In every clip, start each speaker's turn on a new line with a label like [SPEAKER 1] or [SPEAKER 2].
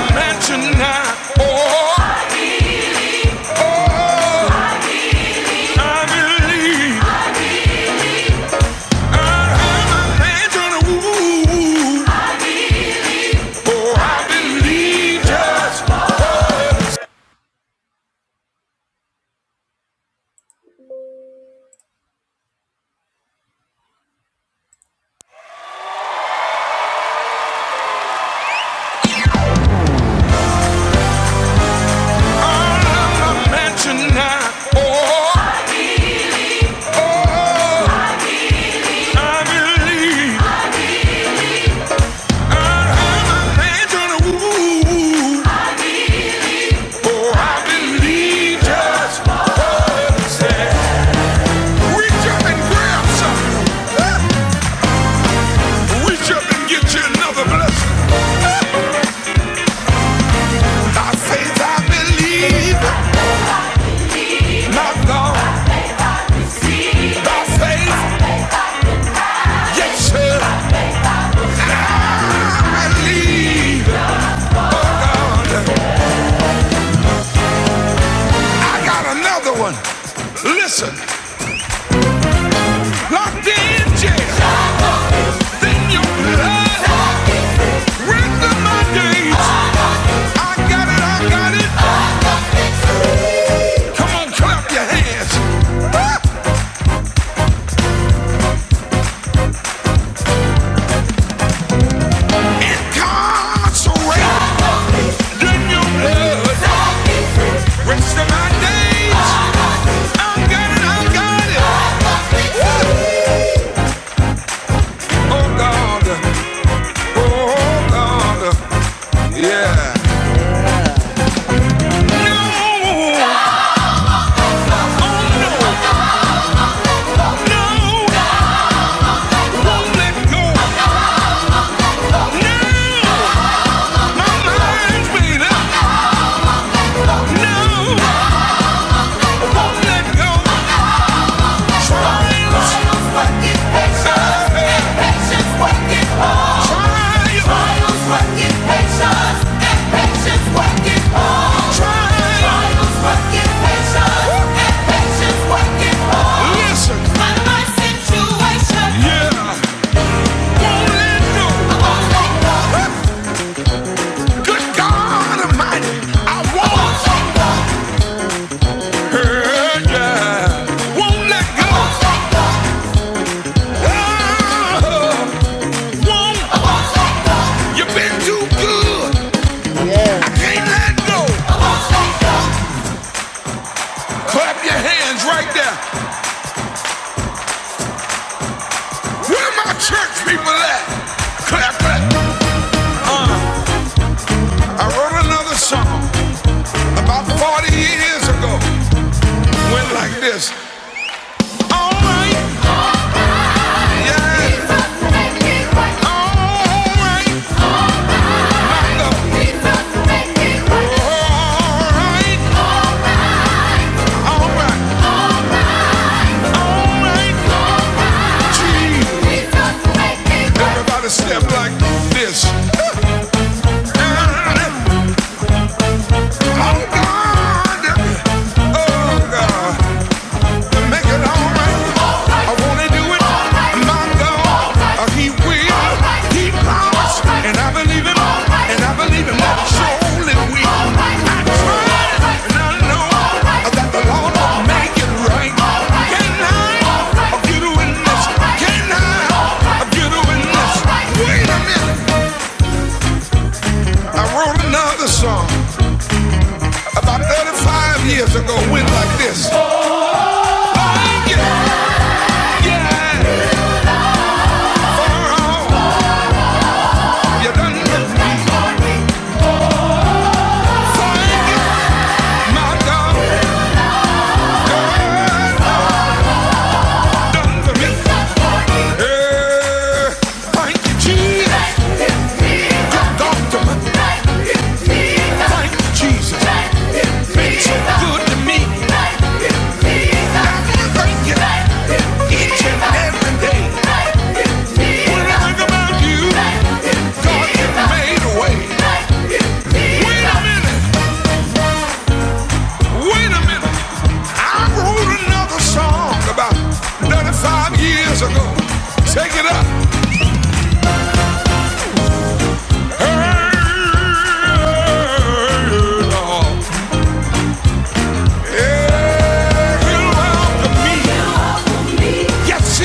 [SPEAKER 1] By faith, Yes, sir. leave. Oh, God. I got another one. Listen, locked in jail. Then your blood ran through my days. I got it, I got it. Come on, clap your hands. Incarcerate. Then your blood rest of my days. I got it, I got it. Oh, God. Oh, God. Yeah. No, no, Yeah. Won't let go. I won't let go. Good God Almighty, I won't, yeah, yeah, won't let go. Oh, won't, you've been too good. I can't let go. Clap your hands right there. Where my church people at? Clap it. I wrote another song about 40 years ago. Went like this. All right, yeah. All right. Everybody step like this. oh God, oh God. Make it all right. I wanna do it. My God, uh, He will. He promised, and I believe Him. And I believe Him that He surely will. I tried, and I know that the Lord will make it right. Can I uh, get a witness? Can I uh, get a witness? Wait a minute. I wrote another song about 35 years ago. Went like this. Thank you. Yeah. For all you done. Take it up. Hey, Lord. Shine. He'll welcome me. Yes,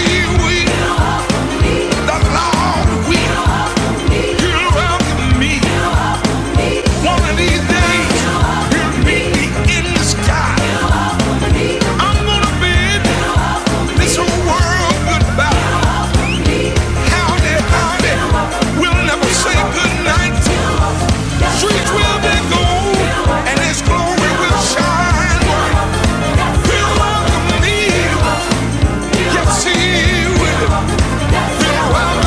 [SPEAKER 1] he will. Qualities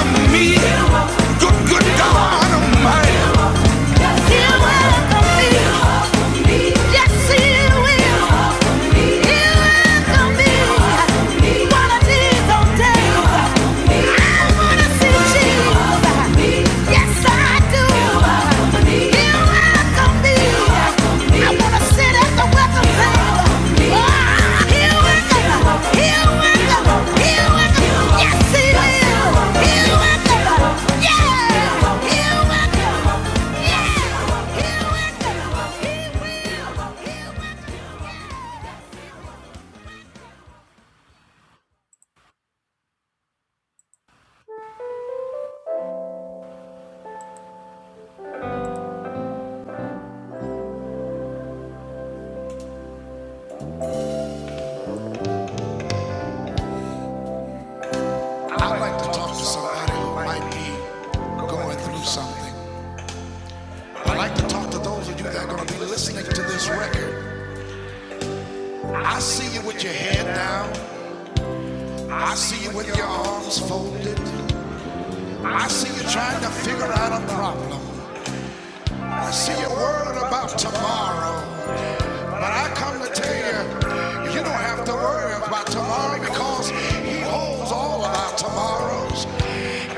[SPEAKER 1] don't take I'd like to talk to somebody who might be going through something. I'd like to talk to those of you that are going to be listening to this record. I see you with your head down. I see you with your arms folded. I see you trying to figure out a problem. I see you worried about tomorrow. But I come to tell you, you don't have to worry about tomorrow because He holds all of our tomorrows.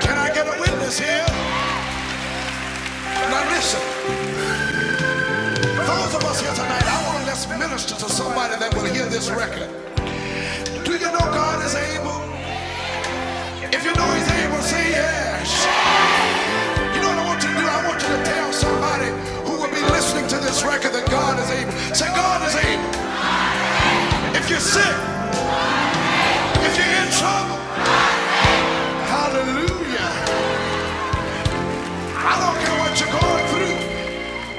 [SPEAKER 1] Can I get a witness here? Now listen, those of us here tonight, I want to let's minister to somebody that will hear this record. Do you know God is able? If you know he's able, say yes. You know what I want you to do? I want you to tell somebody who will be listening to this record that God is able. Say, God is able. If you're sick, if you're in trouble, hallelujah. I don't care what you're going through.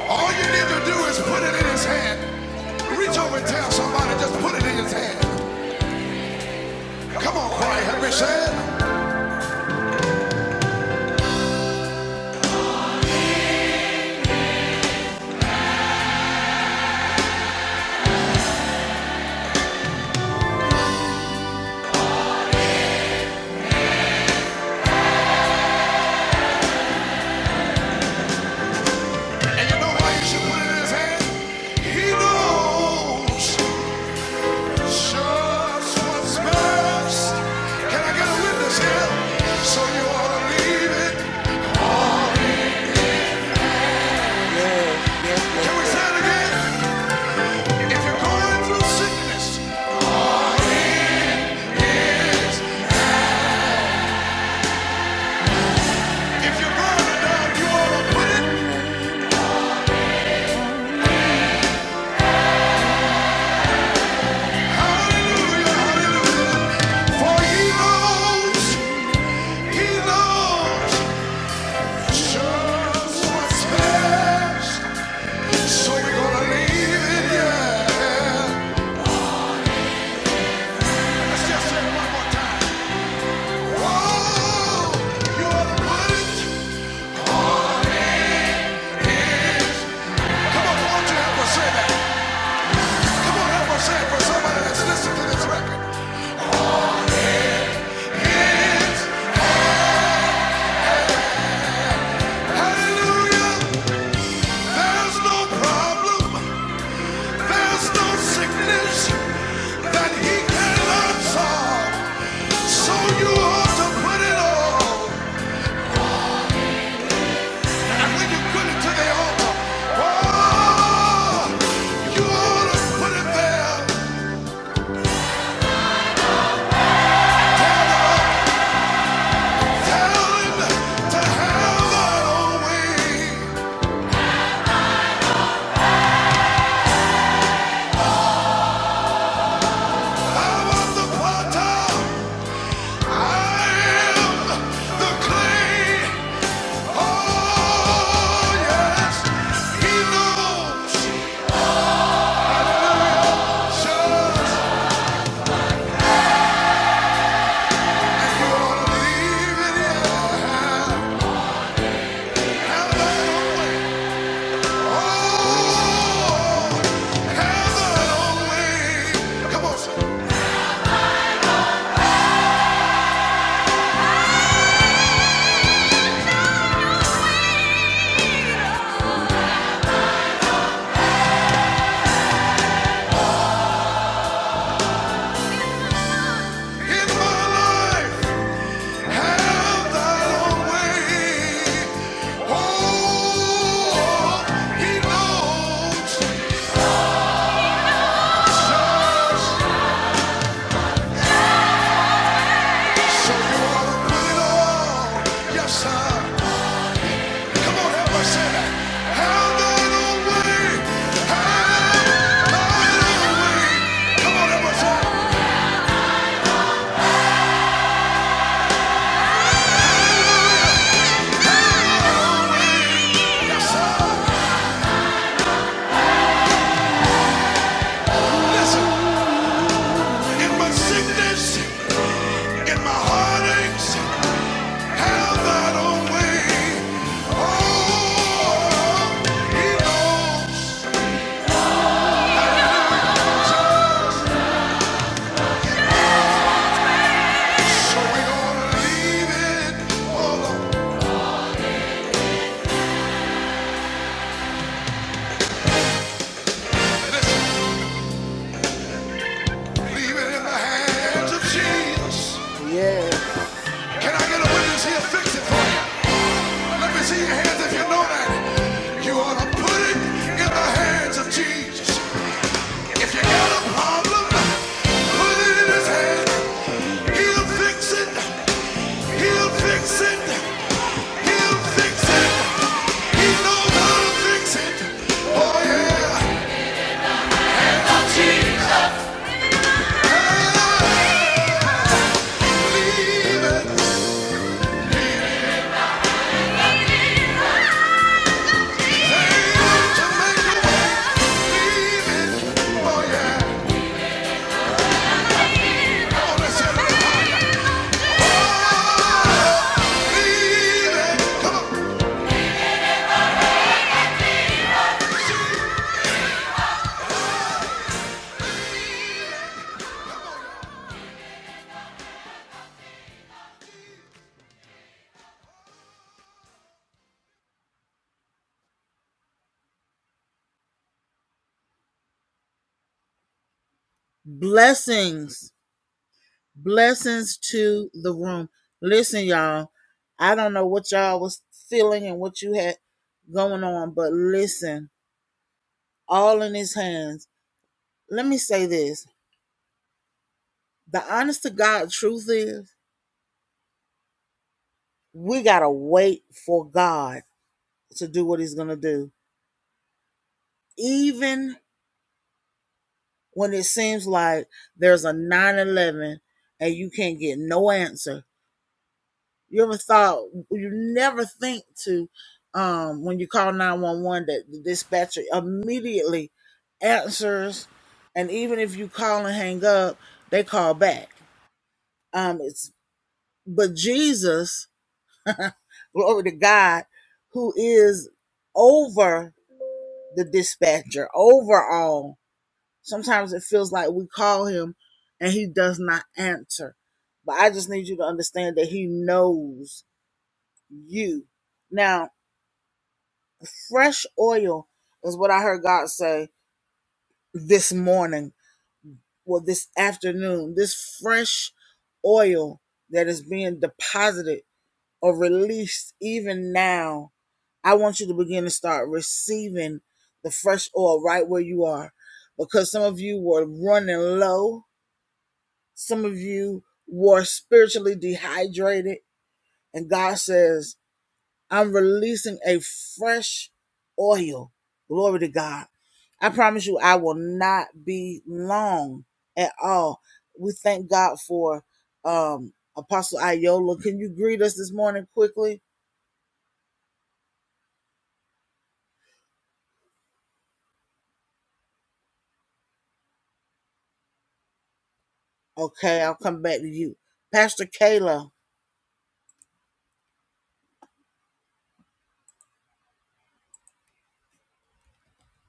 [SPEAKER 1] All you need to do is put it in his hand. Reach over and tell somebody, just put it in his hand. Come on, Corey Henry said. And you know why you should put it in his hand? He knows. Just what's best. Can I get a witness here? So you ought to leave it. Can we say again? If you're going through sickness, if you're going to you ought to put Hallelujah, hallelujah. For he knows, just what's best. So we're going to leave it, yeah. just one more. Whoa, you ought to put Come on, won't you help us say that? I am the clay. Yes, sir. Come on, help us that. Have way. Have thine own way. Come on, help Have thine own way. Yes, Listen, in my sickness, in my heartaches, thine own way. Oh, he knows. So we gonna leave it all up. Leave it in the hands of Jesus. Can I get a witness here? Fix it for me. Let me see your hands if you know that. You ought to put it in the hands of Jesus. If you got a problem, put it in his hand. He'll fix it.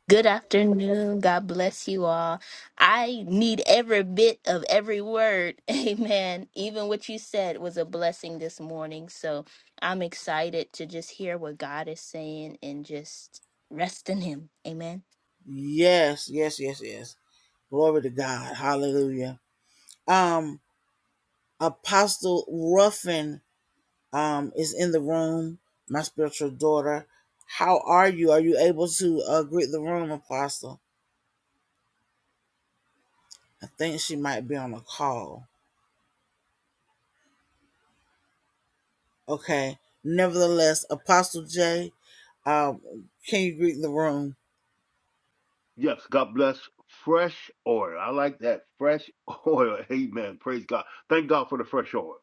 [SPEAKER 2] Good afternoon. God bless you all. I need every bit of every word. Amen. Even what you said was a blessing this morning. So I'm excited to just hear what God is saying and just rest in Him. Amen.
[SPEAKER 3] Yes, God bless fresh oil. I like that. Fresh oil. Amen. Praise God. Thank God for the fresh oil.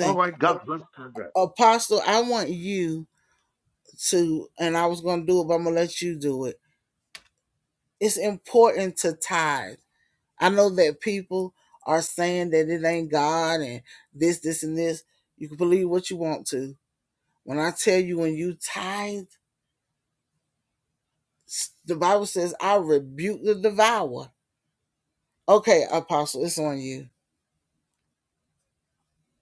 [SPEAKER 3] All right, God bless Conrad.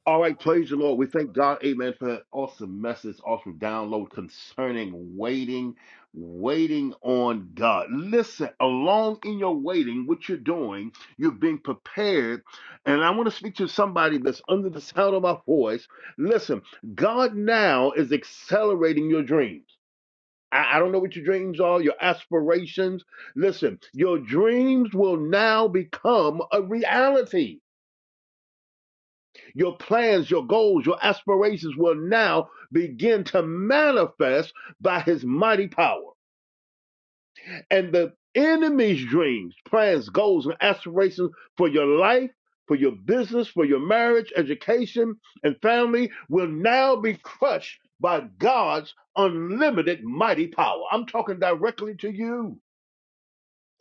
[SPEAKER 3] All right, praise the Lord. We thank God, amen, for that awesome message, awesome download concerning waiting, waiting on God. Listen, along in your waiting, what you're doing, you're being prepared. And I want to speak to somebody that's under the sound of my voice. Listen, God now is accelerating your dreams. I, I don't know what your dreams are, your aspirations. Listen, your dreams will now become a reality. Your plans, your goals, your aspirations will now begin to manifest by his mighty power. And the enemy's dreams, plans, goals, and aspirations for your life, for your business, for your marriage, education, and family will now be crushed by God's unlimited mighty power. I'm talking directly to you.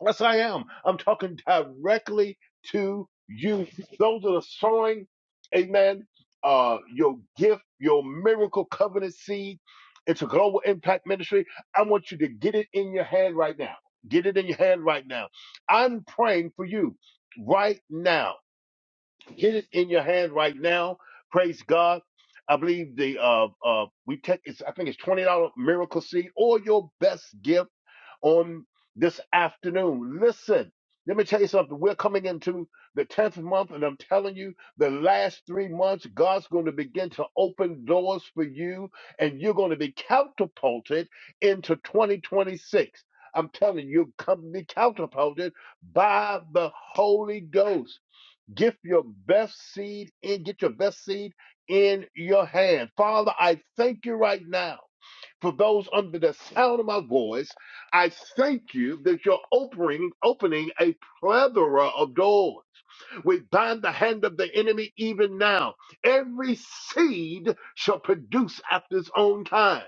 [SPEAKER 3] Yes, I am. I'm talking directly to you. Those that are sowing, amen, uh, your gift, your miracle covenant seed into Global Impact Ministry. I want you to get it in your hand right now. Get it in your hand right now. I'm praying for you right now. Get it in your hand right now. Praise God. I believe the uh uh we take it's I think it's twenty dollar miracle seed or your best gift on this afternoon. Listen, let me tell you something. We're coming into the 10th month, and I'm telling you, the last three months, God's going to begin to open doors for you, and you're going to be catapulted into 2026. I'm telling you, you'll come be catapulted by the Holy Ghost. Get your best seed in, get your best seed in your hand. Father, I thank you right now for those under the sound of my voice, I thank you that you're opening opening a plethora of doors. We bind the hand of the enemy even now. Every seed shall produce after its own time.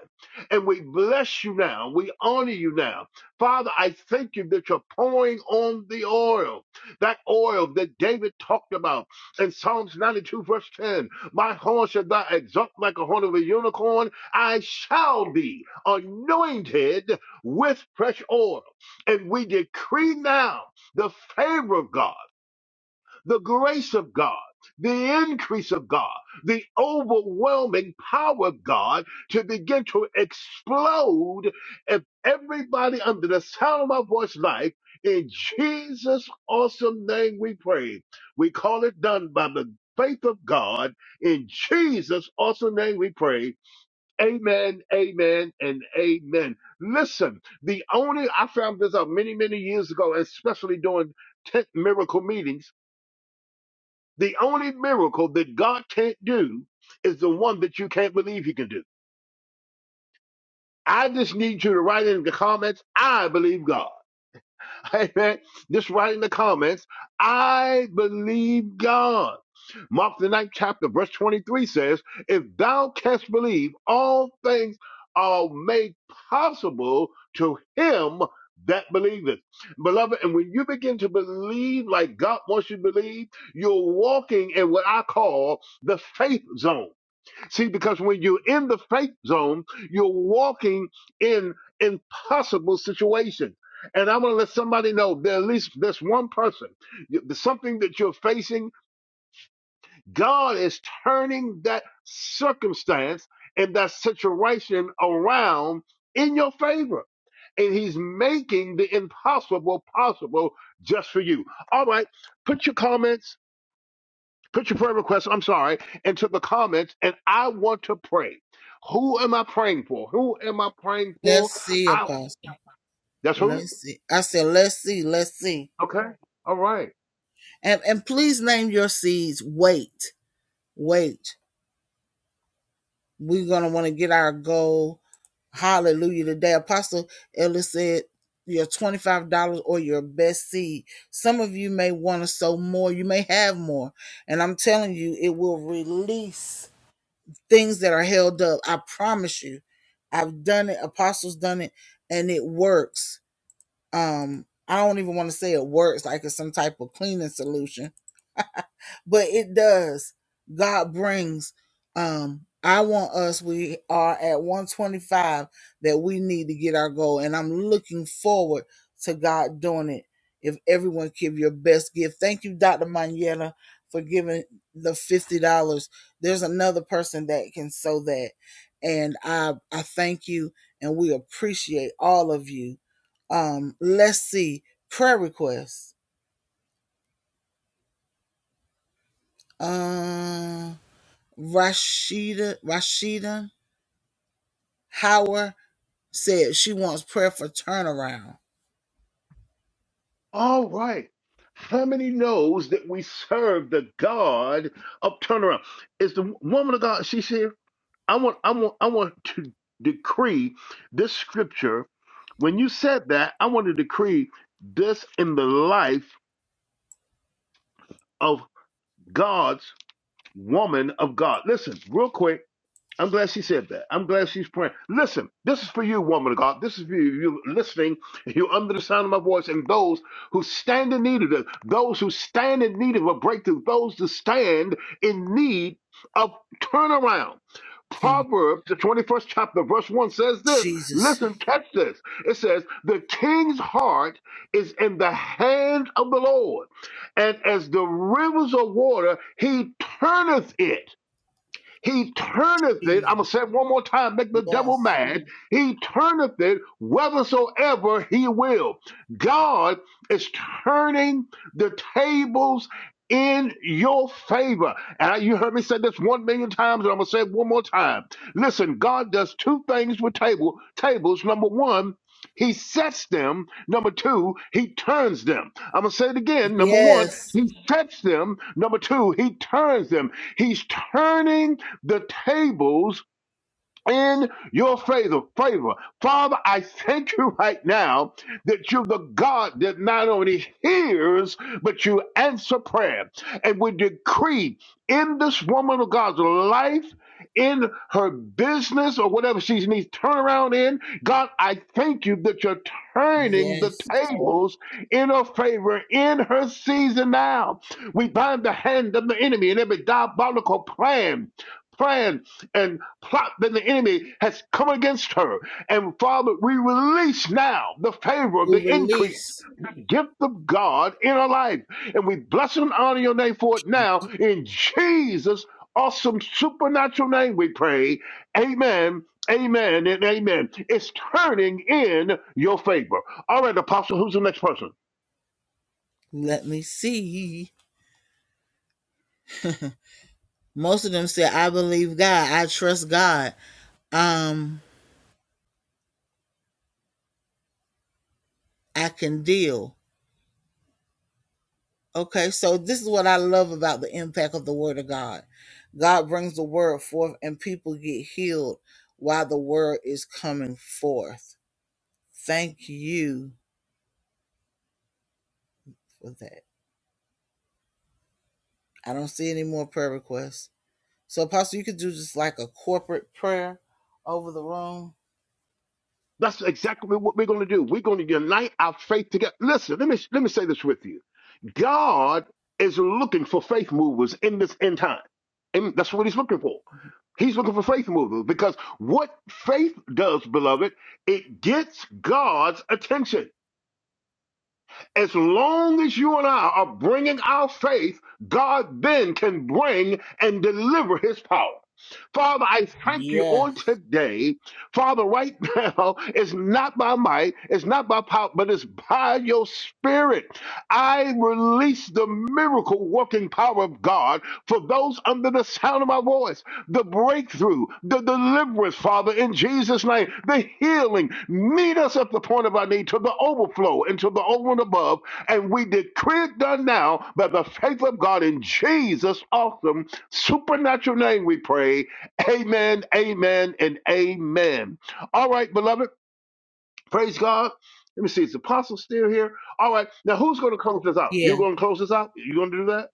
[SPEAKER 3] And we bless you now. We honor you now. Father, I thank you that you're pouring on the oil, that oil that David talked about in Psalms 92, verse 10. My horn shall thou exalt like a horn of a unicorn. I shall be anointed with fresh oil. And we decree now the favor of God the grace of God, the increase of God, the overwhelming power of God to begin to explode if everybody under the sound of my voice life. In Jesus' awesome name we pray. We call it done by the faith of God. In Jesus' awesome name we pray. Amen, amen, and amen. Listen, the only, I found this out many, many years ago, especially during tent miracle meetings the only miracle that God can't do is the one that you can't believe He can do. I just need you to write in the comments, I believe God. Amen. Just write in the comments, I believe God. Mark the ninth chapter, verse 23 says, If thou canst believe, all things are made possible to him that believeth. Beloved, and when you begin to believe like God wants you to believe, you're walking in what I call the faith zone. See, because when you're in the faith zone, you're walking in impossible situations. And I want to let somebody know that at least this one person, you- something that you're facing God is turning that circumstance and that situation around in your favor. And he's making the impossible possible just for you. All right, put your comments, put your prayer requests, I'm sorry, into the comments, and I want to pray. Who am I praying for? Who am I praying for? I, that's who? Okay. All right. All right. How many knows that we serve the God of turnaround? Is the woman of God? She said, "I want, I want, I want to decree this scripture." When you said that, I want to decree this in the life of God's woman of God. Listen, real quick. I'm glad she said that. I'm glad she's praying. Listen, this is for you, woman of God. This is for you, you listening, you under the sound of my voice, and those who stand in need of this, those who stand in need of a breakthrough, those who stand in need of turnaround. Proverbs, the 21st chapter, verse 1 says this. Listen, catch this. It says, The king's heart is in the hand of the Lord, and as the rivers of water, he turneth it. He turneth it. I'm going to say it one more time, make the devil mad. He turneth it whithersoever he will. God is turning the tables in your favor. And you heard me say this one million times, and I'm going to say it one more time. Listen, God does two things with table tables. Number one, he sets them. Number two, he turns them. I'm going to say it again. Number one, he sets them. Number two, he turns them. He's turning the tables in your favor. Favor. Father, I thank you right now that you're the God that not only hears, but you answer prayer. And we decree in this woman of God's life, in her business or whatever she needs turnaround in, God, I thank you that you're turning the tables in her favor in her season now. We bind the hand of the enemy and every diabolical plan, plan and plot that the enemy has come against her. And Father, we release now the favor of the increase, the gift of God in her life. And we bless and honor your name for it now in Jesus' awesome supernatural name we pray. Amen. Amen and amen. It's turning in your favor. All right, Apostle, who's the next person? That's exactly what we're going to do. We're going to unite our faith together. Listen, let me let me say this with you. God is looking for faith movers in this end time. And that's what he's looking for. He's looking for faith movers because what faith does, beloved, it gets God's attention. As long as you and I are bringing our faith, God then can bring and deliver his power. Father, I thank you on today. Father, right now, it's not by might, it's not by power, but it's by your spirit. I release the miracle working power of God for those under the sound of my voice the breakthrough, the deliverance, Father, in Jesus' name, the healing. Meet us at the point of our need to the overflow and to the over and above. And we decree it done now by the faith of God in Jesus' awesome supernatural name, we pray. Amen, amen, and amen. All right, beloved, praise God. Let me see, is the apostle still here? All right, now who's going to close this out? You going to close this out? You going to do that?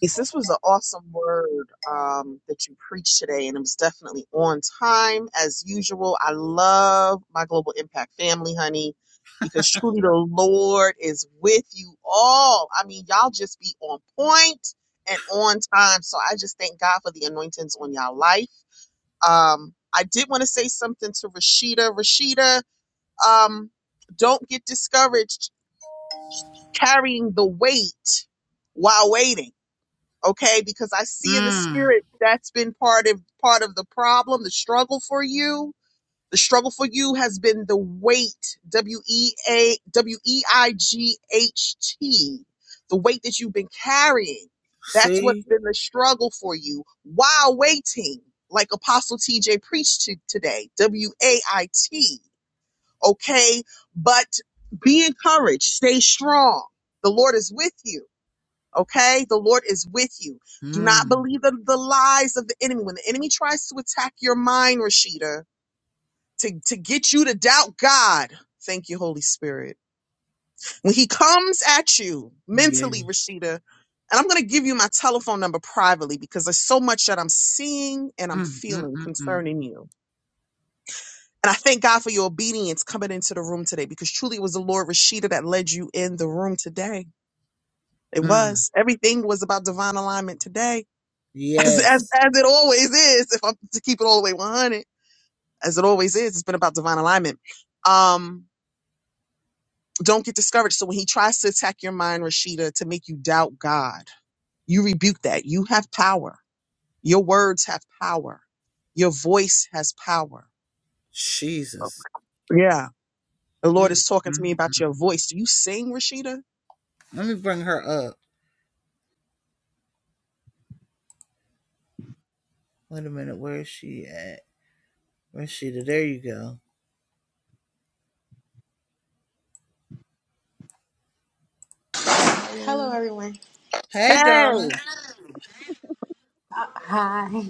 [SPEAKER 4] Yes, This was an awesome word um, that you preached today, and it was definitely on time as usual. I love my Global Impact family, honey, because truly the Lord is with you all. I mean, y'all just be on point and on time. So I just thank God for the anointings on y'all life. Um, I did want to say something to Rashida. Rashida, um, don't get discouraged carrying the weight while waiting okay because i see in the spirit that's been part of part of the problem the struggle for you the struggle for you has been the weight w e a w e i g h t the weight that you've been carrying that's what's been the struggle for you while waiting like apostle tj preached to today w a i t okay but be encouraged stay strong the lord is with you Okay. The Lord is with you. Do not believe the, the lies of the enemy. When the enemy tries to attack your mind, Rashida, to, to get you to doubt God, thank you, Holy Spirit. When he comes at you mentally, Rashida, and I'm going to give you my telephone number privately because there's so much that I'm seeing and I'm feeling concerning you. And I thank God for your obedience coming into the room today because truly it was the Lord Rashida that led you in the room today. It was. Everything was about divine alignment today. as, as, as it always is, if I'm to keep it all the way 100, as it always is, it's been about divine alignment. Um, don't get discouraged. So when he tries to attack your mind, Rashida, to make you doubt God, you rebuke that. You have power. Your words have power. Your voice has power. Yeah. The Lord is talking to me about your voice. Do you sing, Rashida?
[SPEAKER 5] Hello, everyone.
[SPEAKER 4] Hey.
[SPEAKER 5] Uh, hi.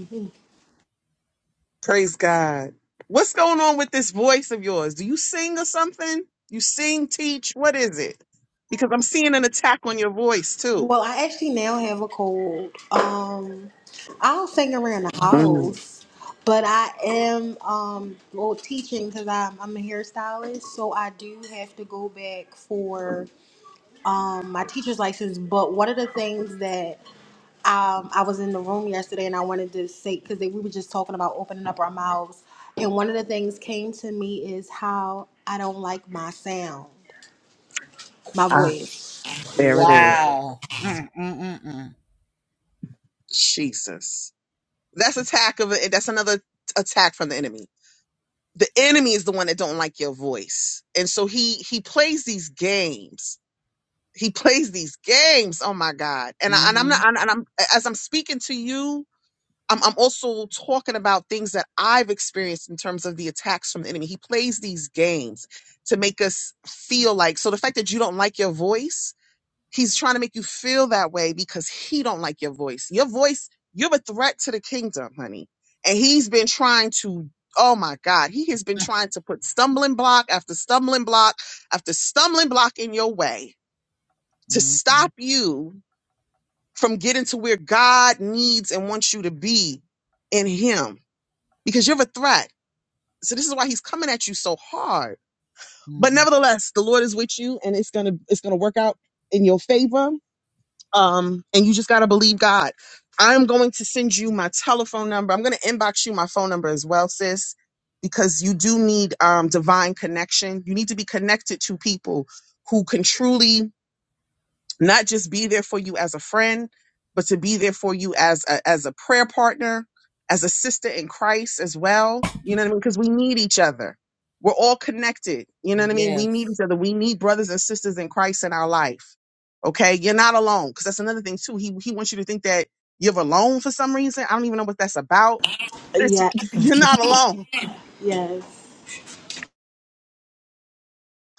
[SPEAKER 4] Praise God. What's going on with this voice of yours? Do you sing or something? You sing, teach? What is it? Because I'm seeing an attack on your voice too.
[SPEAKER 5] Well, I actually now have a cold. Um, I don't sing around the
[SPEAKER 4] Mm,
[SPEAKER 5] house, but I am um well teaching because I'm I'm a hairstylist, so I do have to go back for um my teacher's license. But one of the things that um I was in the room yesterday and I wanted to say because we were just talking about opening up our mouths, and one of the things came to me is how I don't like my sound, my
[SPEAKER 4] ah,
[SPEAKER 5] voice.
[SPEAKER 4] there it is. Jesus. That's attack of it. that's another attack from the enemy. The enemy is the one that don't like your voice. And so he he plays these games. He plays these games. Oh my God. And I, and I'm not and I'm as I'm speaking to you I'm, I'm also talking about things that I've experienced in terms of the attacks from the enemy. He plays these games to make us feel like, so the fact that you don't like your voice, he's trying to make you feel that way because he don't like your voice. Your voice, you're a threat to the kingdom, honey. And he's been trying to, oh my God, he has been trying to put stumbling block after stumbling block after stumbling block in your way to stop you from getting to where God needs and wants you to be in him because you're a threat. So this is why he's coming at you so hard. But nevertheless, the Lord is with you and it's gonna it's gonna work out in your favor. Um, and you just gotta believe God. I'm going to send you my telephone number. I'm gonna inbox you my phone number as well, sis, because you do need um divine connection. You need to be connected to people who can truly not just be there for you as a friend, but to be there for you as a, as a prayer partner, as a sister in Christ as well. You know what I mean? Because we need each other. We're all connected. You know what I mean? We need each other. We need brothers and sisters in Christ in our life. Okay, you're not alone. Because that's another thing too. He he wants you to think that you're alone for some reason. I don't even know what that's about. It's,
[SPEAKER 5] Yeah,
[SPEAKER 4] you're not alone
[SPEAKER 5] Yes.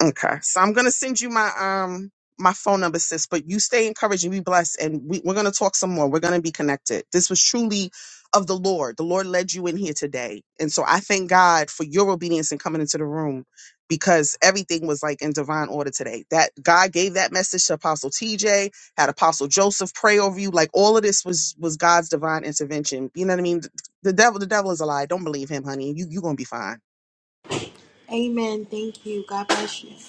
[SPEAKER 4] Okay. So I'm gonna send you my um my phone number, sis, but you stay encouraged and be blessed. And we, we're gonna talk some more. We're gonna be connected. This was truly of the Lord. The Lord led you in here today. And so I thank God for your obedience and coming into the room because everything was like in divine order today. That God gave that message to Apostle TJ, had Apostle Joseph pray over you. Like all of this was was God's divine intervention. You know what I mean? The devil, the devil is a lie. Don't believe him, honey. You you gonna be fine
[SPEAKER 5] Amen. Thank you. God bless you.